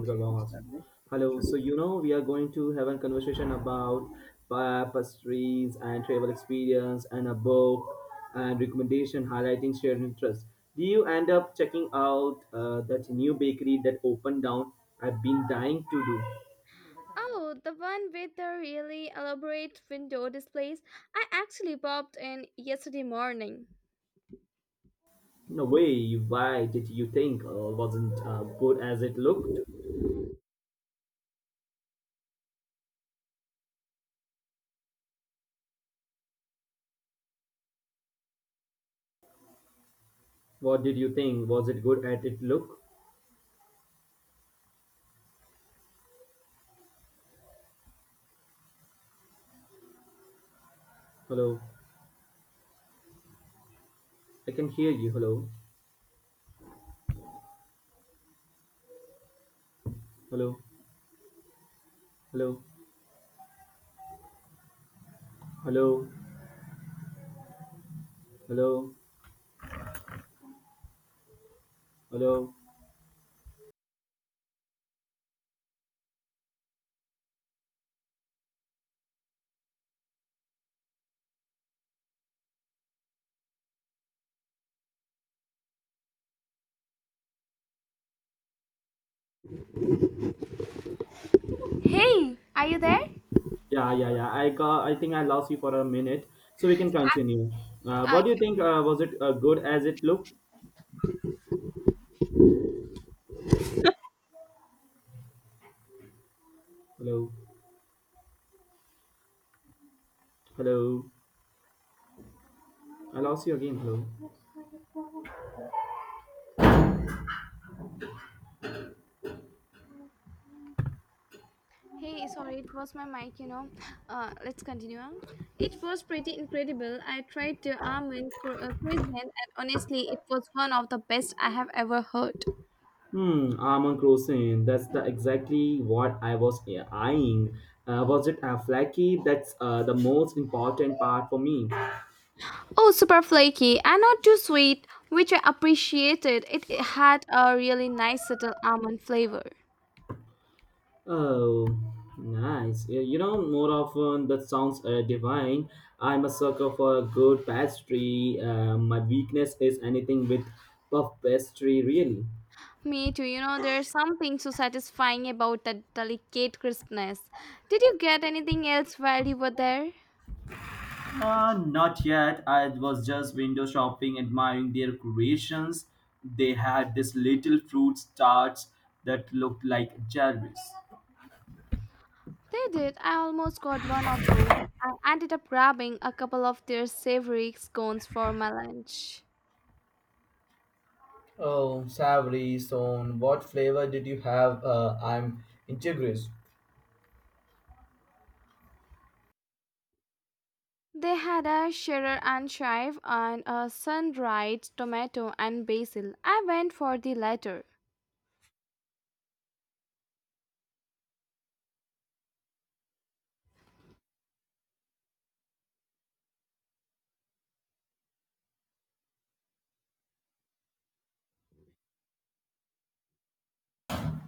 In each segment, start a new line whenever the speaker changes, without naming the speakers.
Because I'm awesome. Hello. So you know we are going to have a conversation about tapestries and travel experience and a book and recommendation highlighting shared interest. Do you end up checking out that new bakery that opened down? I've been dying to do.
Oh, the one with the really elaborate window displays. I actually popped in yesterday morning.
No way. Why did you think wasn't good as it looked? What did you think? Was it good at it look? Hello. I can hear you. Hello. Hello. Hello. Hello. Hello. Hello.
Hey, are you there?
Yeah, yeah, yeah. I got. I think I lost you for a minute, so we can continue. Uh,
Uh,
what do you think? Was it good as it looked? Hello, hello. I lost you again. Hello.
Hey, sorry, it was my mic, you know. Let's continue. On. It was pretty incredible. I tried the croissant, and honestly, it was one of the best I have ever heard.
Hmm. Armand Crossing. That's the exactly what I was eyeing. Was it flaky? That's the most important part for me.
Oh, super flaky and not too sweet, which I appreciated. It had a really nice subtle almond flavor.
Oh, nice. You know, more often that sounds divine. I'm a sucker for a good pastry. My weakness is anything with puff pastry, really.
Me too. You know, there's something so satisfying about that delicate crispness. Did you get anything else while you were there?
Not yet. I was just window shopping, admiring their creations. They had this little fruit tarts that looked like cherries.
They did. I almost got one of those. I ended up grabbing a couple of their savory scones for my lunch.
Oh, savory, so what flavor did you have? I'm intrigued.
They had a cheddar and chive and a sun-dried tomato and basil. I went for the latter.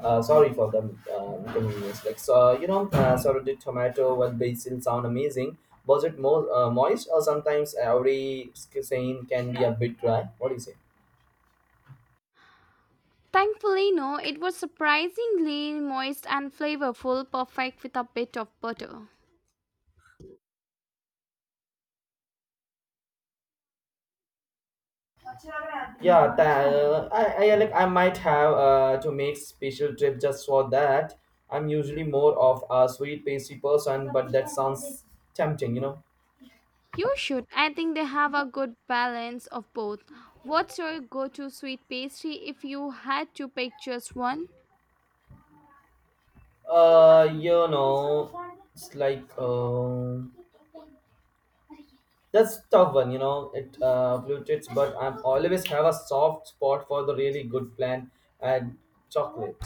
Sorry for the inconvenience. Like, so, you know, sorry, did tomato with basil sound amazing? Was it more moist or sometimes every saying can be a bit dry? What do you say?
Thankfully, no, it was surprisingly moist and flavorful, perfect with a bit of butter.
Yeah, I like I might have to make special trip just for that. I'm usually more of a sweet pastry person, but that sounds tempting, you know.
You should. I think they have a good balance of both. What's your go to sweet pastry if you had to pick just one?
You know, it's like. That's tough one, you know. It blue but I'm always have a soft spot for the really good plan and chocolate.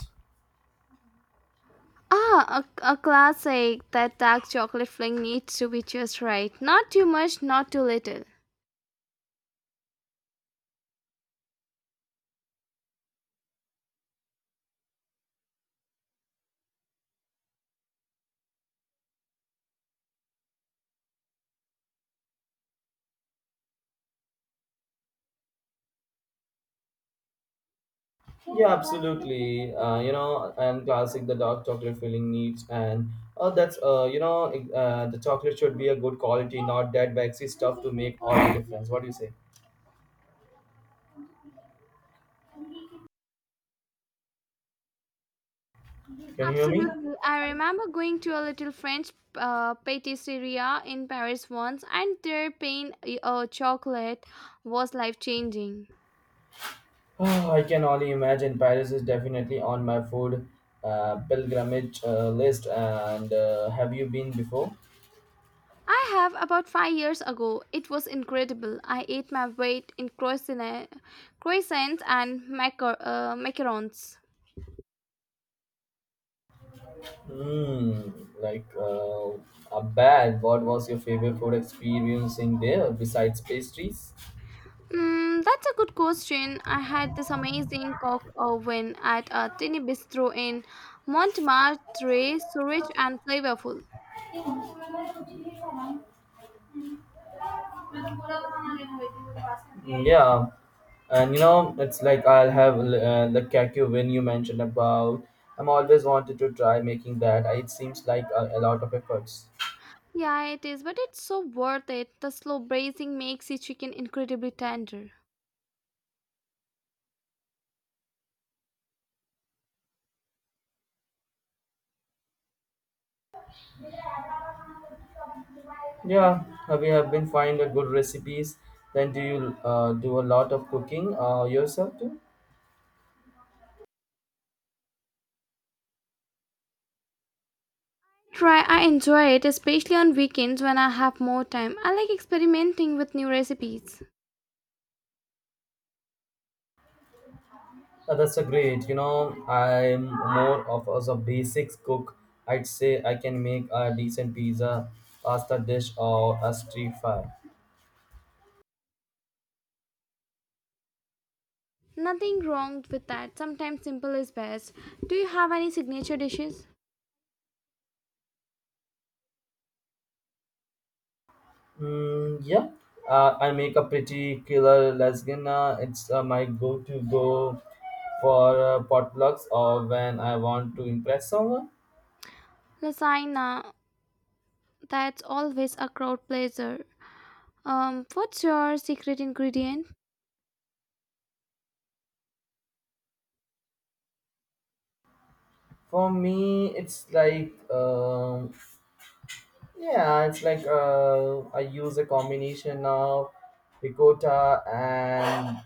Ah, a classic. That dark chocolate filling needs to be just right. Not too much, not too little.
Yeah, absolutely. You know, and classic the dark chocolate filling needs and oh, that's the chocolate should be a good quality, not that waxy stuff to make all the difference. What do you say? Can you hear me?
Absolutely. I remember going to a little French patisserie in Paris once, and their pain chocolate was life changing.
Oh, I can only imagine. Paris is definitely on my food pilgrimage list. And have you been before?
I have about 5 years ago. It was incredible. I ate my weight in croissants and macarons.
Hmm. like a bad. What was your favorite food experience in there besides pastries?
Mm, that's a good question. I had this amazing cock oven at a tiny bistro in Montmartre, so rich and flavorful.
Hmm, yeah, and you know it's like I'll have the kakyu when you mentioned about. I'm always wanted to try making that. It seems like a lot of efforts.
Yeah, it is, but it's so worth it. The slow braising makes the chicken incredibly tender.
Yeah, we have been finding good recipes. Then do you do a lot of cooking yourself too?
Try, I enjoy it, especially on weekends when I have more time. I like experimenting with new recipes.
That's a great. You know, I'm more of as a basics cook. I'd say I can make a decent pizza, pasta dish, or a street fry.
Nothing wrong with that. Sometimes simple is best. Do you have any signature dishes?
Mm, yeah, I make a pretty killer lasagna. It's my go-to go for potlucks or when I want to impress someone.
Lasagna, that's always a crowd pleaser. What's your secret ingredient?
For me, it's like. Yeah, it's like I use a combination of ricotta and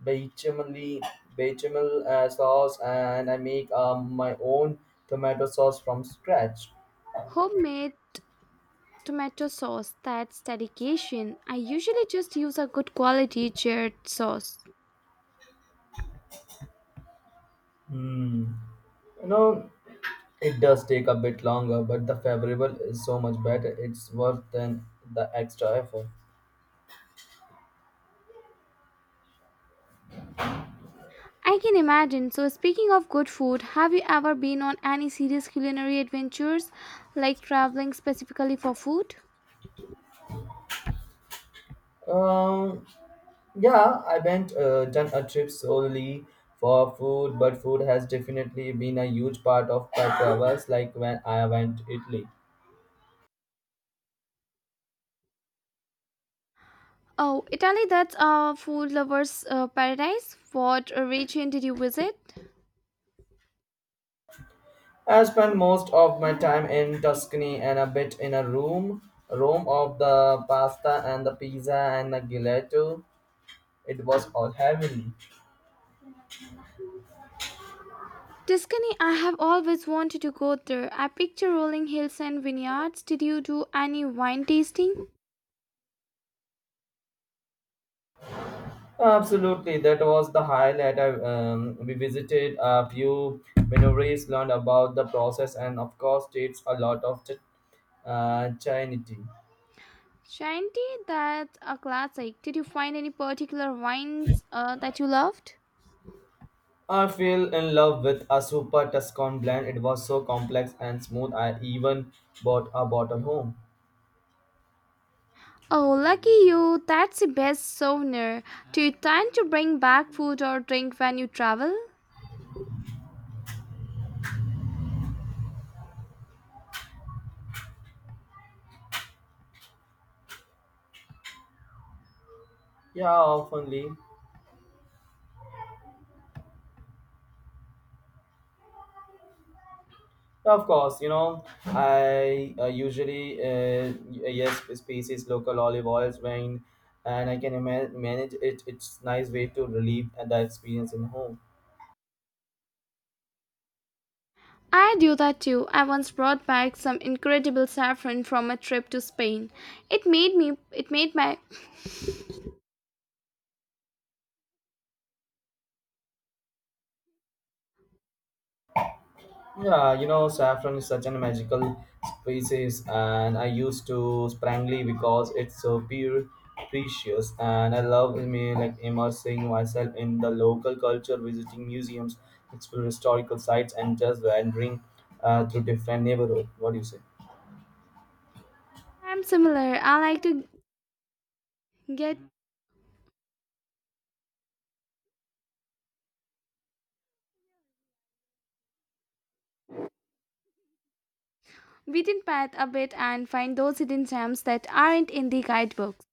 bechamel, bechamel sauce, and I make my own tomato sauce from scratch.
Homemade tomato sauce. That's dedication. I usually just use a good quality jarred sauce.
Hmm. You know, it does take a bit longer, but the favorable is so much better. It's worth than the extra effort.
I can imagine. So, speaking of good food, have you ever been on any serious culinary adventures, like traveling specifically for food?
Um, Yeah, I haven't done a trip solely for food, but food has definitely been a huge part of my travels. Like when I went to Italy,
Oh, Italy, that's a food lover's paradise. What region did you visit?
I spent most of my time in Tuscany and a bit in a room, room of the pasta and the pizza and the gelato. It was all heavenly.
Tuscany, I have always wanted to go there. I picture rolling hills and vineyards. Did you do any wine tasting?
Absolutely, that was the highlight. We visited a few wineries, learned about the process, and of course, it's a lot of Chinese tea.
Shanti, that's a classic. Did you find any particular wines that you loved?
I fell in love with a super Tuscan blend. It was so complex and smooth. I even bought a bottle home.
Oh, lucky you. That's the best souvenir. Do you tend to bring back food or drink when you travel?
Yeah, oftenly. Yeah, of course, you know, I usually yes species local olive oils when and I can manage it. It's nice way to relieve the experience in home.
I do that too. I once brought back some incredible saffron from a trip to Spain. It made my
Yeah, you know, saffron is such a magical species, and I used to sprangly because it's so pure, precious, and I love me like immersing myself in the local culture, visiting museums, explore historical sites, and just wandering through different neighborhoods. What do you say?
I'm similar. I like to get within path a bit and find those hidden gems that aren't in the guidebooks.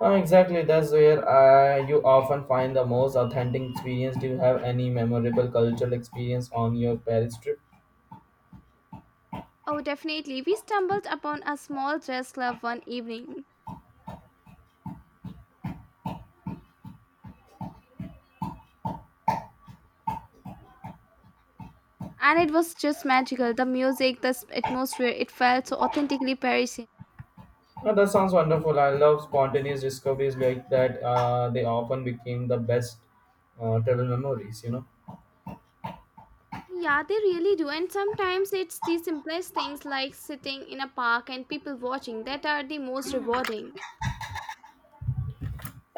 Exactly, that's where you often find the most authentic experience. Do you have any memorable cultural experience on your Paris trip?
Oh, definitely. We stumbled upon a small jazz club one evening, and it was just magical. The music, the atmosphere, it felt so authentically Parisian.
Oh, that sounds wonderful. I love spontaneous discoveries like that. They often became the best travel memories, you know.
Yeah, they really do. And sometimes it's the simplest things like sitting in a park and people watching that are the most rewarding.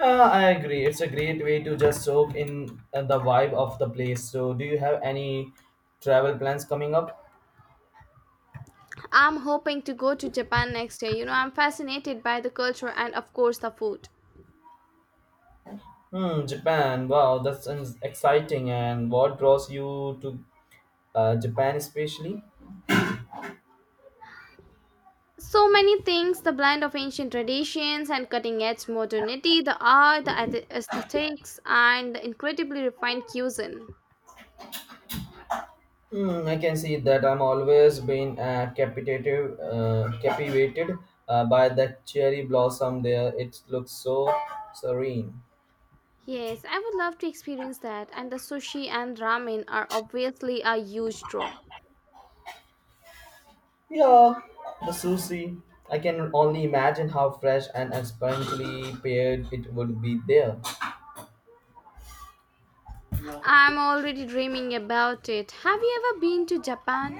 I agree. It's a great way to just soak in the vibe of the place. So, do you have any travel plans coming up?
I'm hoping to go to Japan next year. You know, I'm fascinated by the culture and, of course, the food.
Hmm, Japan. Wow, that's sounds exciting. And what draws you to Japan, especially?
So many things the blend of ancient traditions and cutting edge modernity, the art, the aesthetics, and the incredibly refined cuisine.
Hmm, I can see that I'm always been captivated by that cherry blossom there. It looks so serene.
Yes, I would love to experience that. And the sushi and ramen are obviously a huge draw.
Yeah, the sushi. I can only imagine how fresh and expertly paired it would be there.
I'm already dreaming about it. Have you ever been to Japan?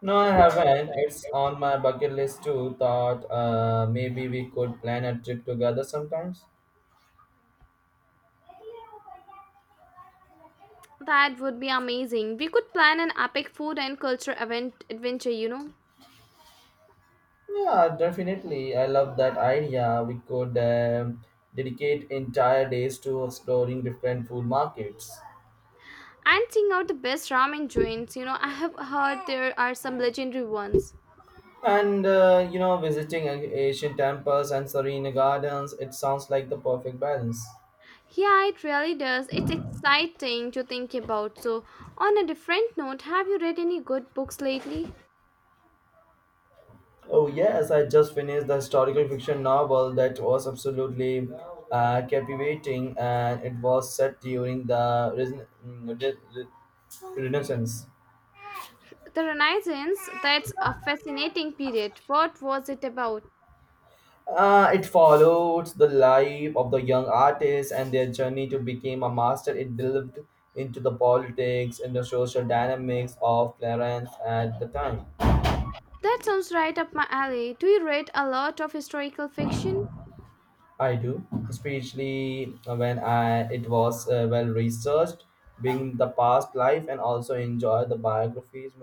No, I haven't. It's on my bucket list too. Thought maybe we could plan a trip together sometimes.
That would be amazing. We could plan an epic food and culture event adventure, you know.
Yeah, definitely. I love that idea. We could dedicate entire days to exploring different food markets.
And sing out the best ramen joints, you know. I have heard there are some legendary ones.
And you know, visiting Asian temples and serene gardens, it sounds like the perfect balance.
Yeah, it really does. It's exciting to think about. So, on a different note, have you read any good books lately?
Oh yes, I just finished the historical fiction novel that was absolutely captivating, and it was set during the Renaissance.
The Renaissance, that's a fascinating period. What was it about?
It followed the life of the young artists and their journey to become a master. It delved into the politics and the social dynamics of Florence at the time.
That sounds right up my alley. Do you read a lot of historical fiction?
I do, especially when I, it was well researched, being the past life, and also enjoy the biographies